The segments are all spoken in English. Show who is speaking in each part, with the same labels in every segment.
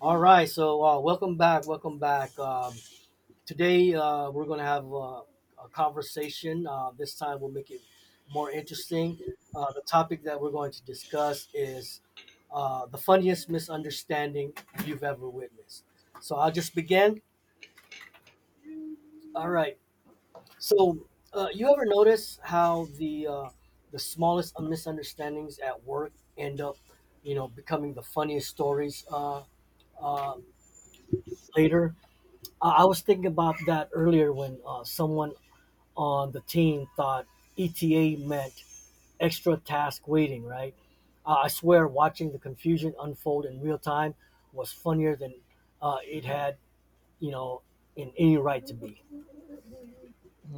Speaker 1: All right, welcome back, welcome back. Today We're going to have a conversation. This time we'll make it more interesting. The topic that we're going to discuss is the funniest misunderstanding you've ever witnessed. So I'll just begin. All right. So you ever notice how the smallest misunderstandings at work end up, you know, becoming the funniest stories uh, later? I was thinking about that earlier when someone on the team thought ETA meant extra task waiting, right? I swear watching the confusion unfold in real time was funnier than it had, you know, in any right to be.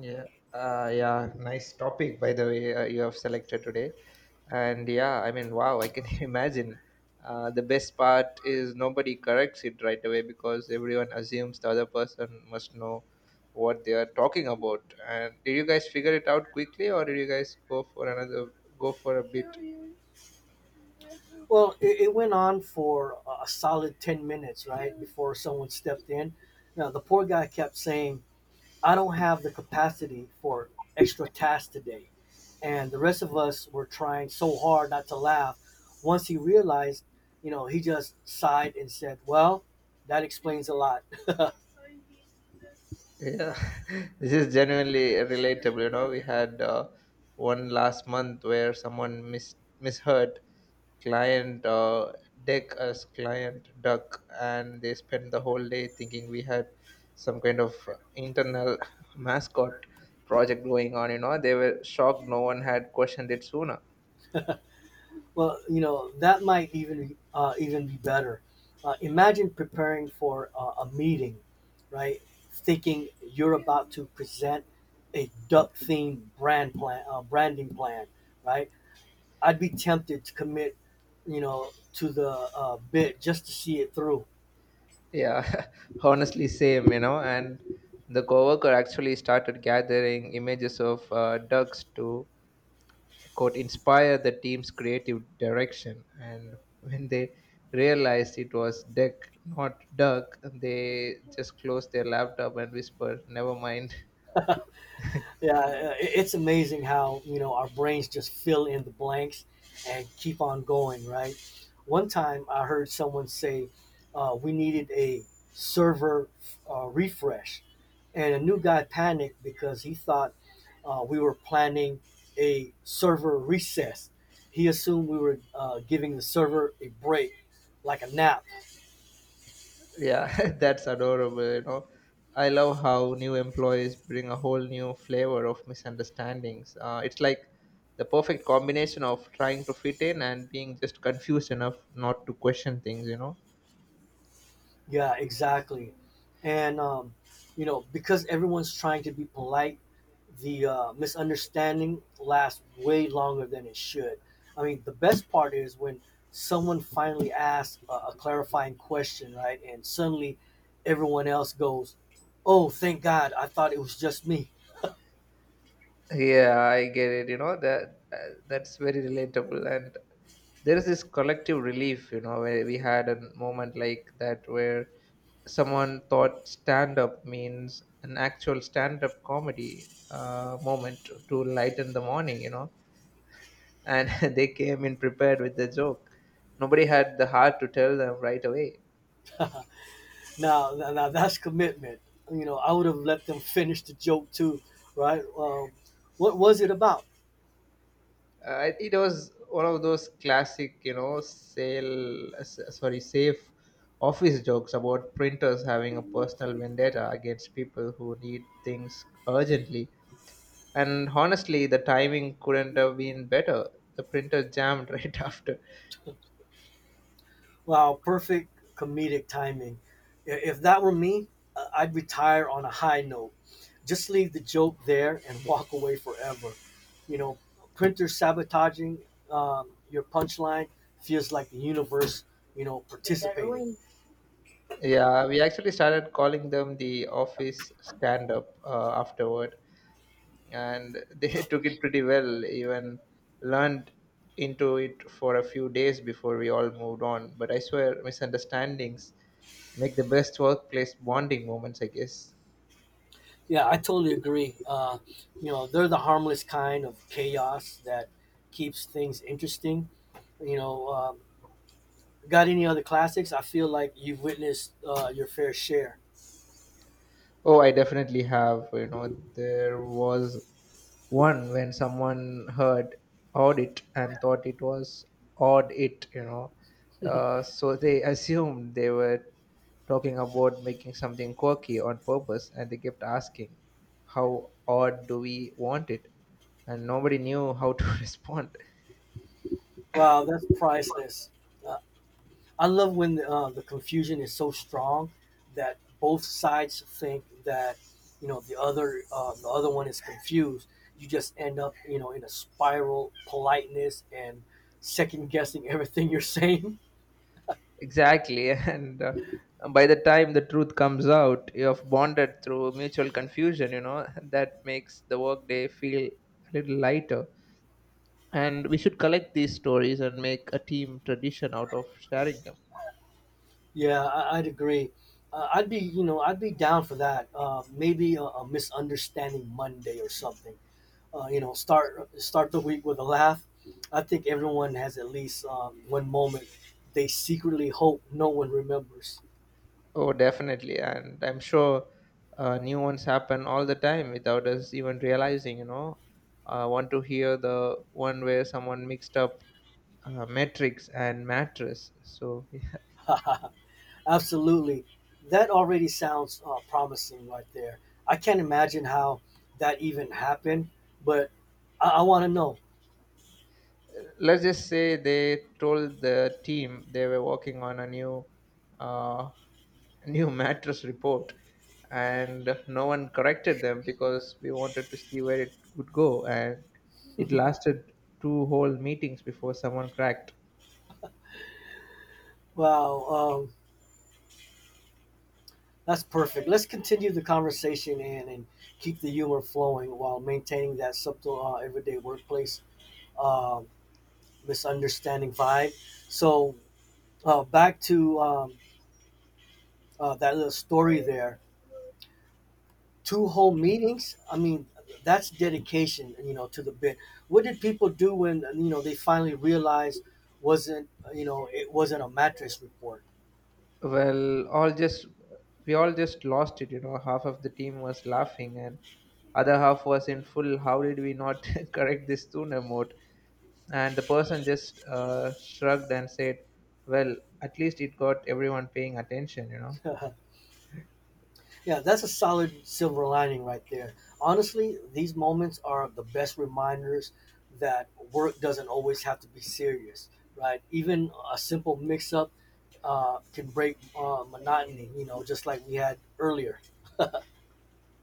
Speaker 2: Yeah, yeah, nice topic by the way you have selected today. And yeah, I mean, wow, I can imagine. The best part is nobody corrects it right away because everyone assumes the other person must know what they are talking about. And did you guys figure it out quickly, or did you guys go for another go for a bit?
Speaker 1: Well, it went on for a solid 10 minutes, right, before someone stepped in. Now, the poor guy kept saying, "I don't have the capacity for extra tasks today." And the rest of us were trying so hard not to laugh. Once he realized, you know, he just sighed and said, "Well, that explains a lot."
Speaker 2: Yeah, this is genuinely relatable. You know, we had one last month where someone misheard client deck as client duck, and they spent the whole day thinking we had some kind of internal mascot project going on. You know, they were shocked no one had questioned it sooner.
Speaker 1: Well, you know, that might even be better. Imagine preparing for a meeting, right? Thinking you're about to present a duck-themed branding plan, right? I'd be tempted to commit, you know, to the bit just to see it through.
Speaker 2: Yeah, honestly, same. You know, and the coworker actually started gathering images of ducks to could inspire the team's creative direction. And when they realized it was Deck, not Duck, they just closed their laptop and whispered, "Never mind."
Speaker 1: Yeah, it's amazing how, you know, our brains just fill in the blanks and keep on going, right? One time I heard someone say we needed a server refresh, and a new guy panicked because he thought we were planning a server recess. He assumed we were giving the server a break, like a nap.
Speaker 2: Yeah, that's adorable. You know, I love how new employees bring a whole new flavor of misunderstandings. It's like the perfect combination of trying to fit in and being just confused enough not to question things. You know.
Speaker 1: Yeah, exactly. And You know, because everyone's trying to be polite, the misunderstanding lasts way longer than it should. I mean, the best part is when someone finally asks a clarifying question, right? And suddenly everyone else goes, "Oh, thank God! I thought it was just me."
Speaker 2: Yeah, I get it. You know that's very relatable, and there is this collective relief. You know, where we had a moment like that where someone thought stand up means an actual stand up comedy moment to lighten the morning. You know, and they came in prepared with the joke. Nobody had the heart to tell them right away.
Speaker 1: Now that's commitment. You know, I would have let them finish the joke too, right? What was it about?
Speaker 2: It was one of those classic, you know, safe office jokes about printers having a personal vendetta against people who need things urgently. And honestly, the timing couldn't have been better. The printer jammed right after.
Speaker 1: Wow, perfect comedic timing. I- If that were me, I'd retire on a high note. Just leave the joke there and walk away forever. You know, printer sabotaging your punchline feels like the universe, you know, participating.
Speaker 2: Yeah, we actually started calling them the office stand up afterward. And they took it pretty well, even learned into it for a few days before we all moved on. But I swear misunderstandings make the best workplace bonding moments, I guess.
Speaker 1: Yeah, I totally agree. You know, they're the harmless kind of chaos that keeps things interesting. You know, um, got any other classics? I feel like you've witnessed your fair share.
Speaker 2: Oh, I definitely have, you know. There was one when someone heard audit and thought it was odd it, you know. So they assumed they were talking about making something quirky on purpose, and they kept asking, how odd do we want it? And nobody knew how to respond.
Speaker 1: Wow, that's priceless. Uh, I love when the confusion is so strong that both sides think that, you know, the other one is confused. You just end up, you know, in a spiral politeness and second guessing everything you're saying.
Speaker 2: Exactly, and by the time the truth comes out, you have bonded through mutual confusion, you know. That makes the workday feel a little lighter, and we should collect these stories and make a team tradition out of sharing them.
Speaker 1: Yeah, I'd agree. I'd be, you know, I'd be down for that. Maybe a misunderstanding Monday or something. You know, start the week with a laugh. I think everyone has at least one moment they secretly hope no one remembers.
Speaker 2: Oh, definitely. And I'm sure new ones happen all the time without us even realizing, you know. I want to hear the one where someone mixed up metrics and mattress, so.
Speaker 1: Absolutely, that already sounds promising right there. I can't imagine how that even happened, but I want to know.
Speaker 2: Let's just say they told the team they were working on a new uh, new mattress report, and no one corrected them because we wanted to see where it would go. And it lasted two whole meetings before someone cracked.
Speaker 1: Wow, um, that's perfect. Let's continue the conversation and keep the humor flowing while maintaining that subtle everyday workplace uh, misunderstanding vibe. So back to That little story there. Two whole meetings. I mean, that's dedication, you know, to the bit. What did people do when, you know, they finally realized wasn't, you know, it wasn't a mattress report?
Speaker 2: Well, all just we all just lost it, you know. Half of the team was laughing, and other half was in full "how did we not correct this sooner," mode. And the person just shrugged and said, "Well, at least it got everyone paying attention, you know."
Speaker 1: Yeah, that's a solid silver lining right there. Honestly, these moments are the best reminders that work doesn't always have to be serious, right? Even a simple mix-up can break monotony. You know, just like we had earlier.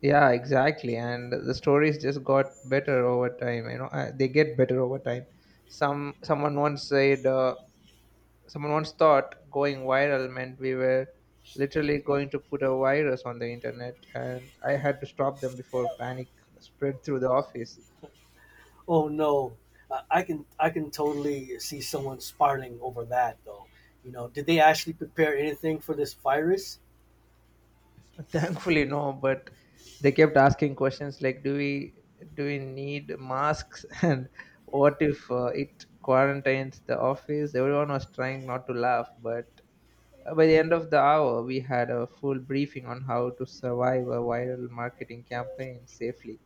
Speaker 2: Yeah, exactly. And the stories just got better over time. You know, they get better over time. Some someone once said, uh, someone once thought going viral meant we were literally going to put a virus on the internet, and I had to stop them before panic spread through the office.
Speaker 1: Oh no, I can, I can totally see someone spiraling over that though. You know, did they actually prepare anything for this virus?
Speaker 2: Thankfully, no, but they kept asking questions like, "Do we need masks?" and "What if it quarantines the office?" Everyone was trying not to laugh, but by the end of the hour, we had a full briefing on how to survive a viral marketing campaign safely.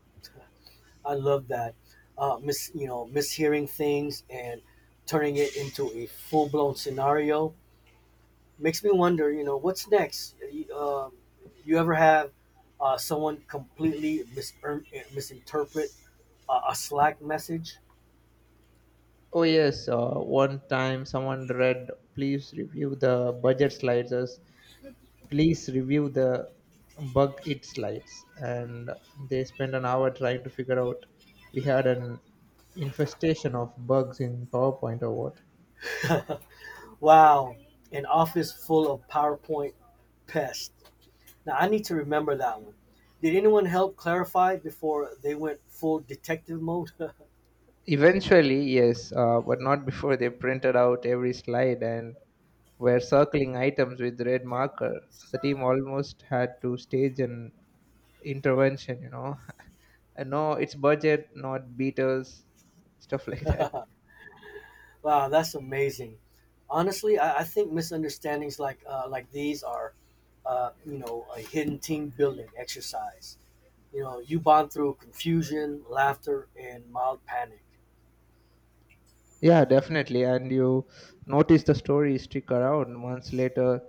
Speaker 1: I love that. Mishearing things and turning it into a full blown scenario makes me wonder. You know, what's next? You ever have someone completely misinterpret a Slack message?
Speaker 2: Oh yes, one time someone read, "Please review the budget slides," please review the bug it slides, and they spend an hour trying to figure out we had an infestation of bugs in PowerPoint or what.
Speaker 1: Wow, an office full of PowerPoint pests. Now I need to remember that one. Did anyone help clarify before they went full detective mode?
Speaker 2: Eventually, yes, but not before they printed out every slide and were circling items with red marker. The team almost had to stage an intervention, you know. No, it's budget, not beaters, stuff like that.
Speaker 1: Wow, that's amazing. Honestly, I think misunderstandings like these are, you know, a hidden team building exercise. You know, you bond through confusion, laughter, and mild panic.
Speaker 2: Yeah, definitely. And you notice the story stick around. Months later,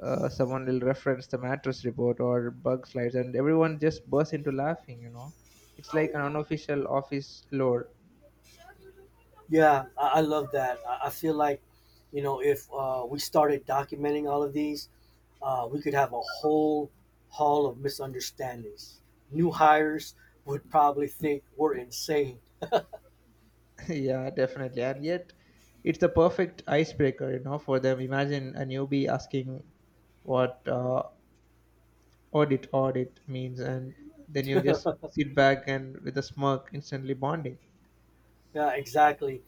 Speaker 2: someone will reference the mattress report or bug slides, and everyone just bursts into laughing. You know, it's like an unofficial office lore.
Speaker 1: Yeah, I love that. I feel like, you know, if we started documenting all of these, we could have a whole hall of misunderstandings. New hires would probably think we're insane.
Speaker 2: Yeah, definitely. And yet, it's the perfect icebreaker. You know, for them. Imagine a newbie asking what audit means, and then you just
Speaker 1: Yeah,
Speaker 2: sit back and with a smirk, instantly bonding.
Speaker 1: exactly.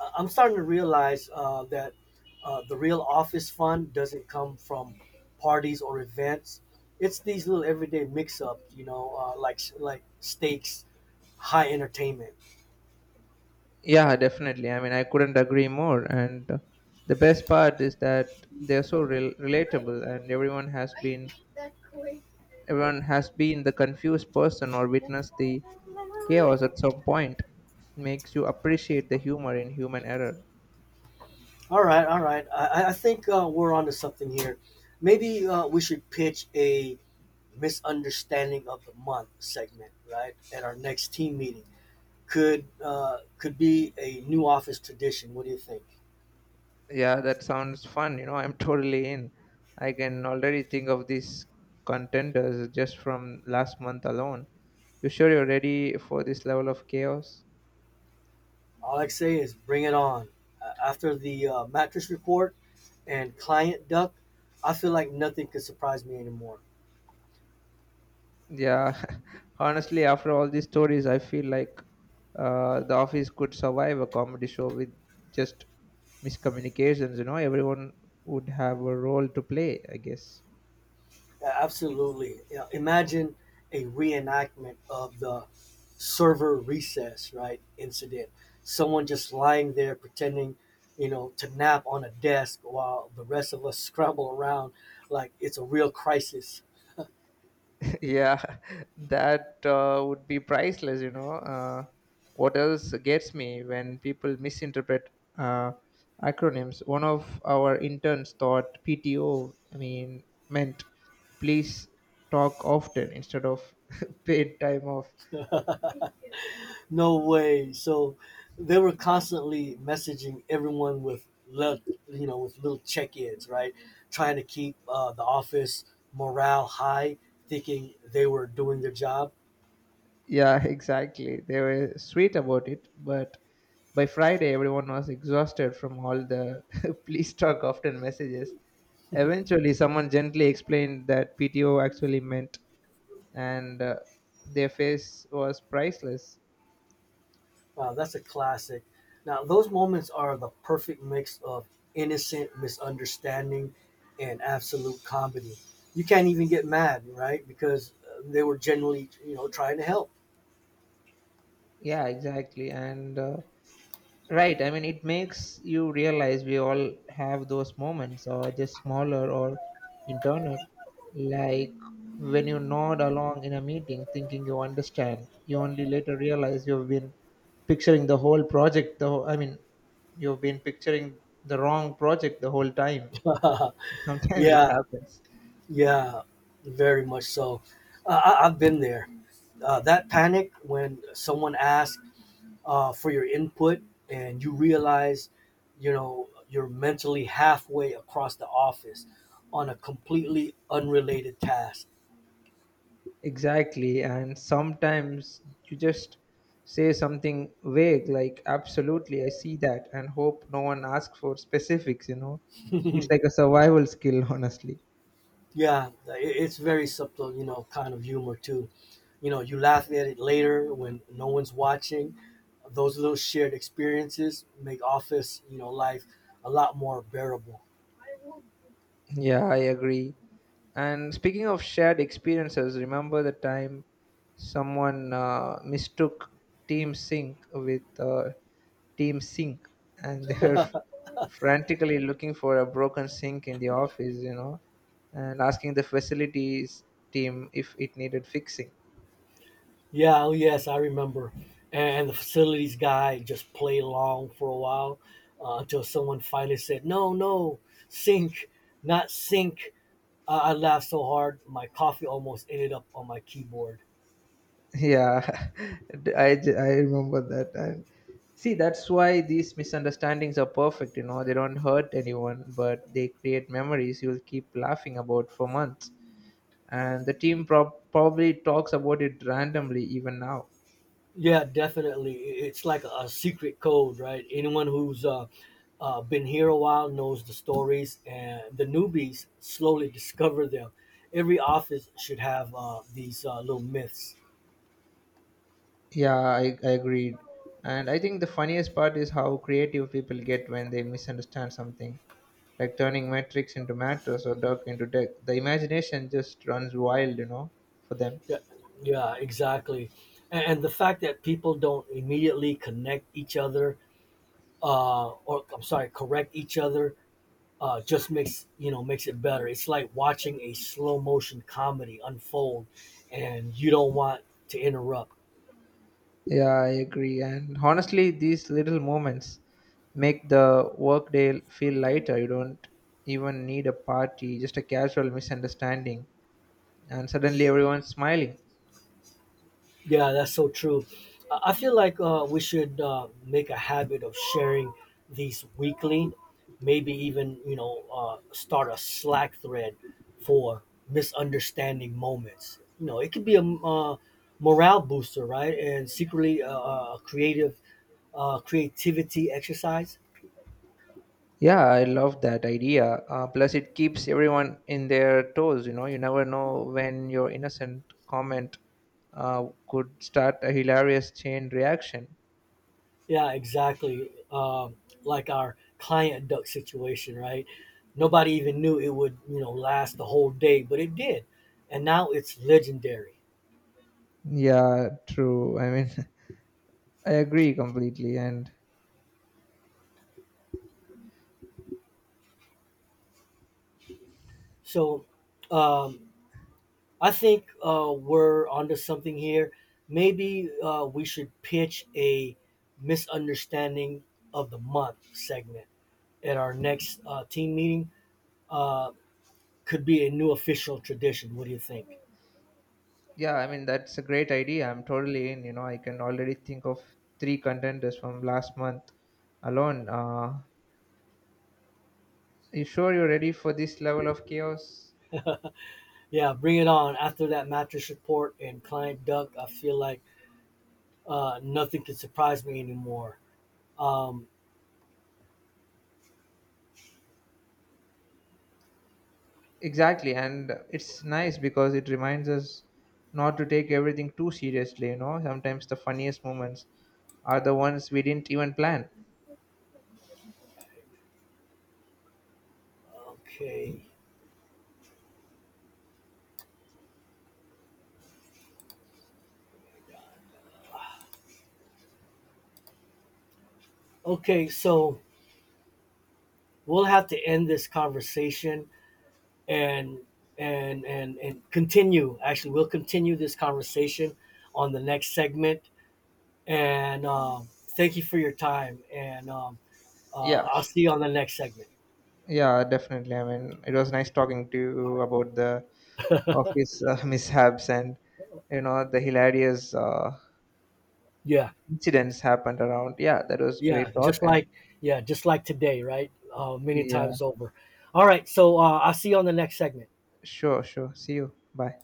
Speaker 1: I'm starting to realize that the real office fun doesn't come from parties or events. It's these little everyday mix-ups, you know, like stakes, high entertainment.
Speaker 2: Yeah, definitely. I mean, I couldn't agree more. And the best part is that they're so relatable, and everyone has been the confused person or witnessed the chaos at some point. Makes you appreciate the humor in human error.
Speaker 1: All right. I think we're onto something here. Maybe we should pitch a misunderstanding of the month segment, right? At our next team meeting, could be a new office tradition. What do you think?
Speaker 2: Yeah, that sounds fun. You know, I'm totally in. I can already think of these contenders just from last month alone. You sure you're ready for this level of chaos?
Speaker 1: All I say is bring it on. After the mattress report and client duck, I feel like nothing could surprise me anymore.
Speaker 2: Yeah, honestly, after all these stories, I feel like the office could survive a comedy show with just miscommunications. You know, everyone would have a role to play, I guess.
Speaker 1: Yeah, absolutely. Yeah, imagine a reenactment of the server recess, right, incident. Someone just lying there pretending, you know, to nap on a desk while the rest of us scramble around like it's a real crisis.
Speaker 2: Yeah, that would be priceless. You know, what else gets me when people misinterpret uh, acronyms? One of our interns thought PTO, I mean, meant please talk often instead of paid time off.
Speaker 1: No way. So they were constantly messaging everyone with little, you know, with little check-ins, right, trying to keep the office morale high, thinking they were doing their job.
Speaker 2: Yeah, exactly. They were sweet about it, but by Friday, everyone was exhausted from all the please talk often messages. Eventually, someone gently explained that PTO actually meant, and their face was priceless.
Speaker 1: Wow, that's a classic. Now, those moments are the perfect mix of innocent misunderstanding and absolute comedy. You can't even get mad, right? Because they were generally, you know, trying to help.
Speaker 2: Yeah, exactly. And right. I mean, it makes you realize we all have those moments, or just smaller or internal. Like when you nod along in a meeting thinking you understand, you only later realize you've been picturing the whole project, the whole, I mean, you've been picturing the wrong project the whole time. Sometimes it
Speaker 1: Yeah,
Speaker 2: happens.
Speaker 1: yeah, very much so. I've been there. That panic when someone asks for your input and you realize, you know, you're mentally halfway across the office on a completely unrelated task.
Speaker 2: Exactly, and sometimes you just say something vague like, absolutely, I see that, and hope no one asks for specifics, you know. It's like a survival skill, honestly.
Speaker 1: Yeah, like, it's very subtle, you know, kind of humor too. You know, you laugh at it later when no one's watching. Those little shared experiences make office, you know, life a lot more bearable.
Speaker 2: Yeah, I agree. And speaking of shared experiences, remember the time someone mistook Team Sync with Team Sync, and they were frantically looking for a broken sink in the office, you know, and asking the facilities team if it needed fixing.
Speaker 1: Yeah, oh yes, I remember. And the facilities guy just played along for a while until someone finally said, "No, no, sink, not sink." I laughed so hard my coffee almost ended up on my keyboard.
Speaker 2: Yeah, I remember that. And see, that's why these misunderstandings are perfect, you know. They don't hurt anyone, but they create memories you'll keep laughing about for months, and the team probably talks about it randomly even now.
Speaker 1: Yeah, definitely. It's like a secret code, right? Anyone who's been here a while knows the stories, and the newbies slowly discover them. Every office should have these little myths.
Speaker 2: Yeah, I agreed. And I think the funniest part is how creative people get when they misunderstand something, like turning metrics into matters or duck into deck. The imagination just runs wild, you know, for them.
Speaker 1: Yeah, yeah, exactly. And the fact that people don't immediately connect each other, or correct each other, just makes, you know, makes it better. It's like watching a slow motion comedy unfold, and you don't want to interrupt.
Speaker 2: Yeah, I agree. And honestly, these little moments make the workday feel lighter. You don't even need a party, just a casual misunderstanding, and suddenly everyone's smiling.
Speaker 1: Yeah, that's so true. I feel like we should make a habit of sharing these weekly, maybe even, you know, start a Slack thread for misunderstanding moments. You know, it could be a morale booster, right? And secretly a creative creativity exercise.
Speaker 2: Yeah, I love that idea. Plus, it keeps everyone in their toes. You know, you never know when your innocent comment could start a hilarious chain reaction.
Speaker 1: Yeah, exactly. Like our client duck situation, right? Nobody even knew it would, you know, last the whole day, but it did, and now it's legendary.
Speaker 2: Yeah, true. I mean, I agree completely. And
Speaker 1: So, um, I think we're onto something here. Maybe we should pitch a misunderstanding of the month segment at our next team meeting. Uh, could be a new official tradition. What do you think?
Speaker 2: yeah, I mean that's a great idea. I'm totally in. You know, I can already think of three contenders from last month alone. You sure you're ready for this level of chaos?
Speaker 1: Yeah, bring it on. After that mattress report and client duck, I feel like nothing can surprise me anymore. Um,
Speaker 2: Exactly, and it's nice because it reminds us not to take everything too seriously. You know, sometimes the funniest moments are the ones we didn't even plan.
Speaker 1: okay, okay. So we'll have to end this conversation and continue. Actually, we'll continue this conversation on the next segment. And Thank you for your time. And
Speaker 2: Yeah,
Speaker 1: I'll see you on the next segment.
Speaker 2: yeah, definitely. I mean, it was nice talking to you
Speaker 1: All
Speaker 2: about the
Speaker 1: right.
Speaker 2: office mishaps and the hilarious
Speaker 1: Yeah.
Speaker 2: incidents happened around. Yeah, that was
Speaker 1: Yeah,
Speaker 2: great talk.
Speaker 1: just
Speaker 2: And
Speaker 1: like yeah, just like today, right? Many
Speaker 2: yeah,
Speaker 1: times over. All right, I'll see you on the next segment.
Speaker 2: sure, sure. See you. Bye.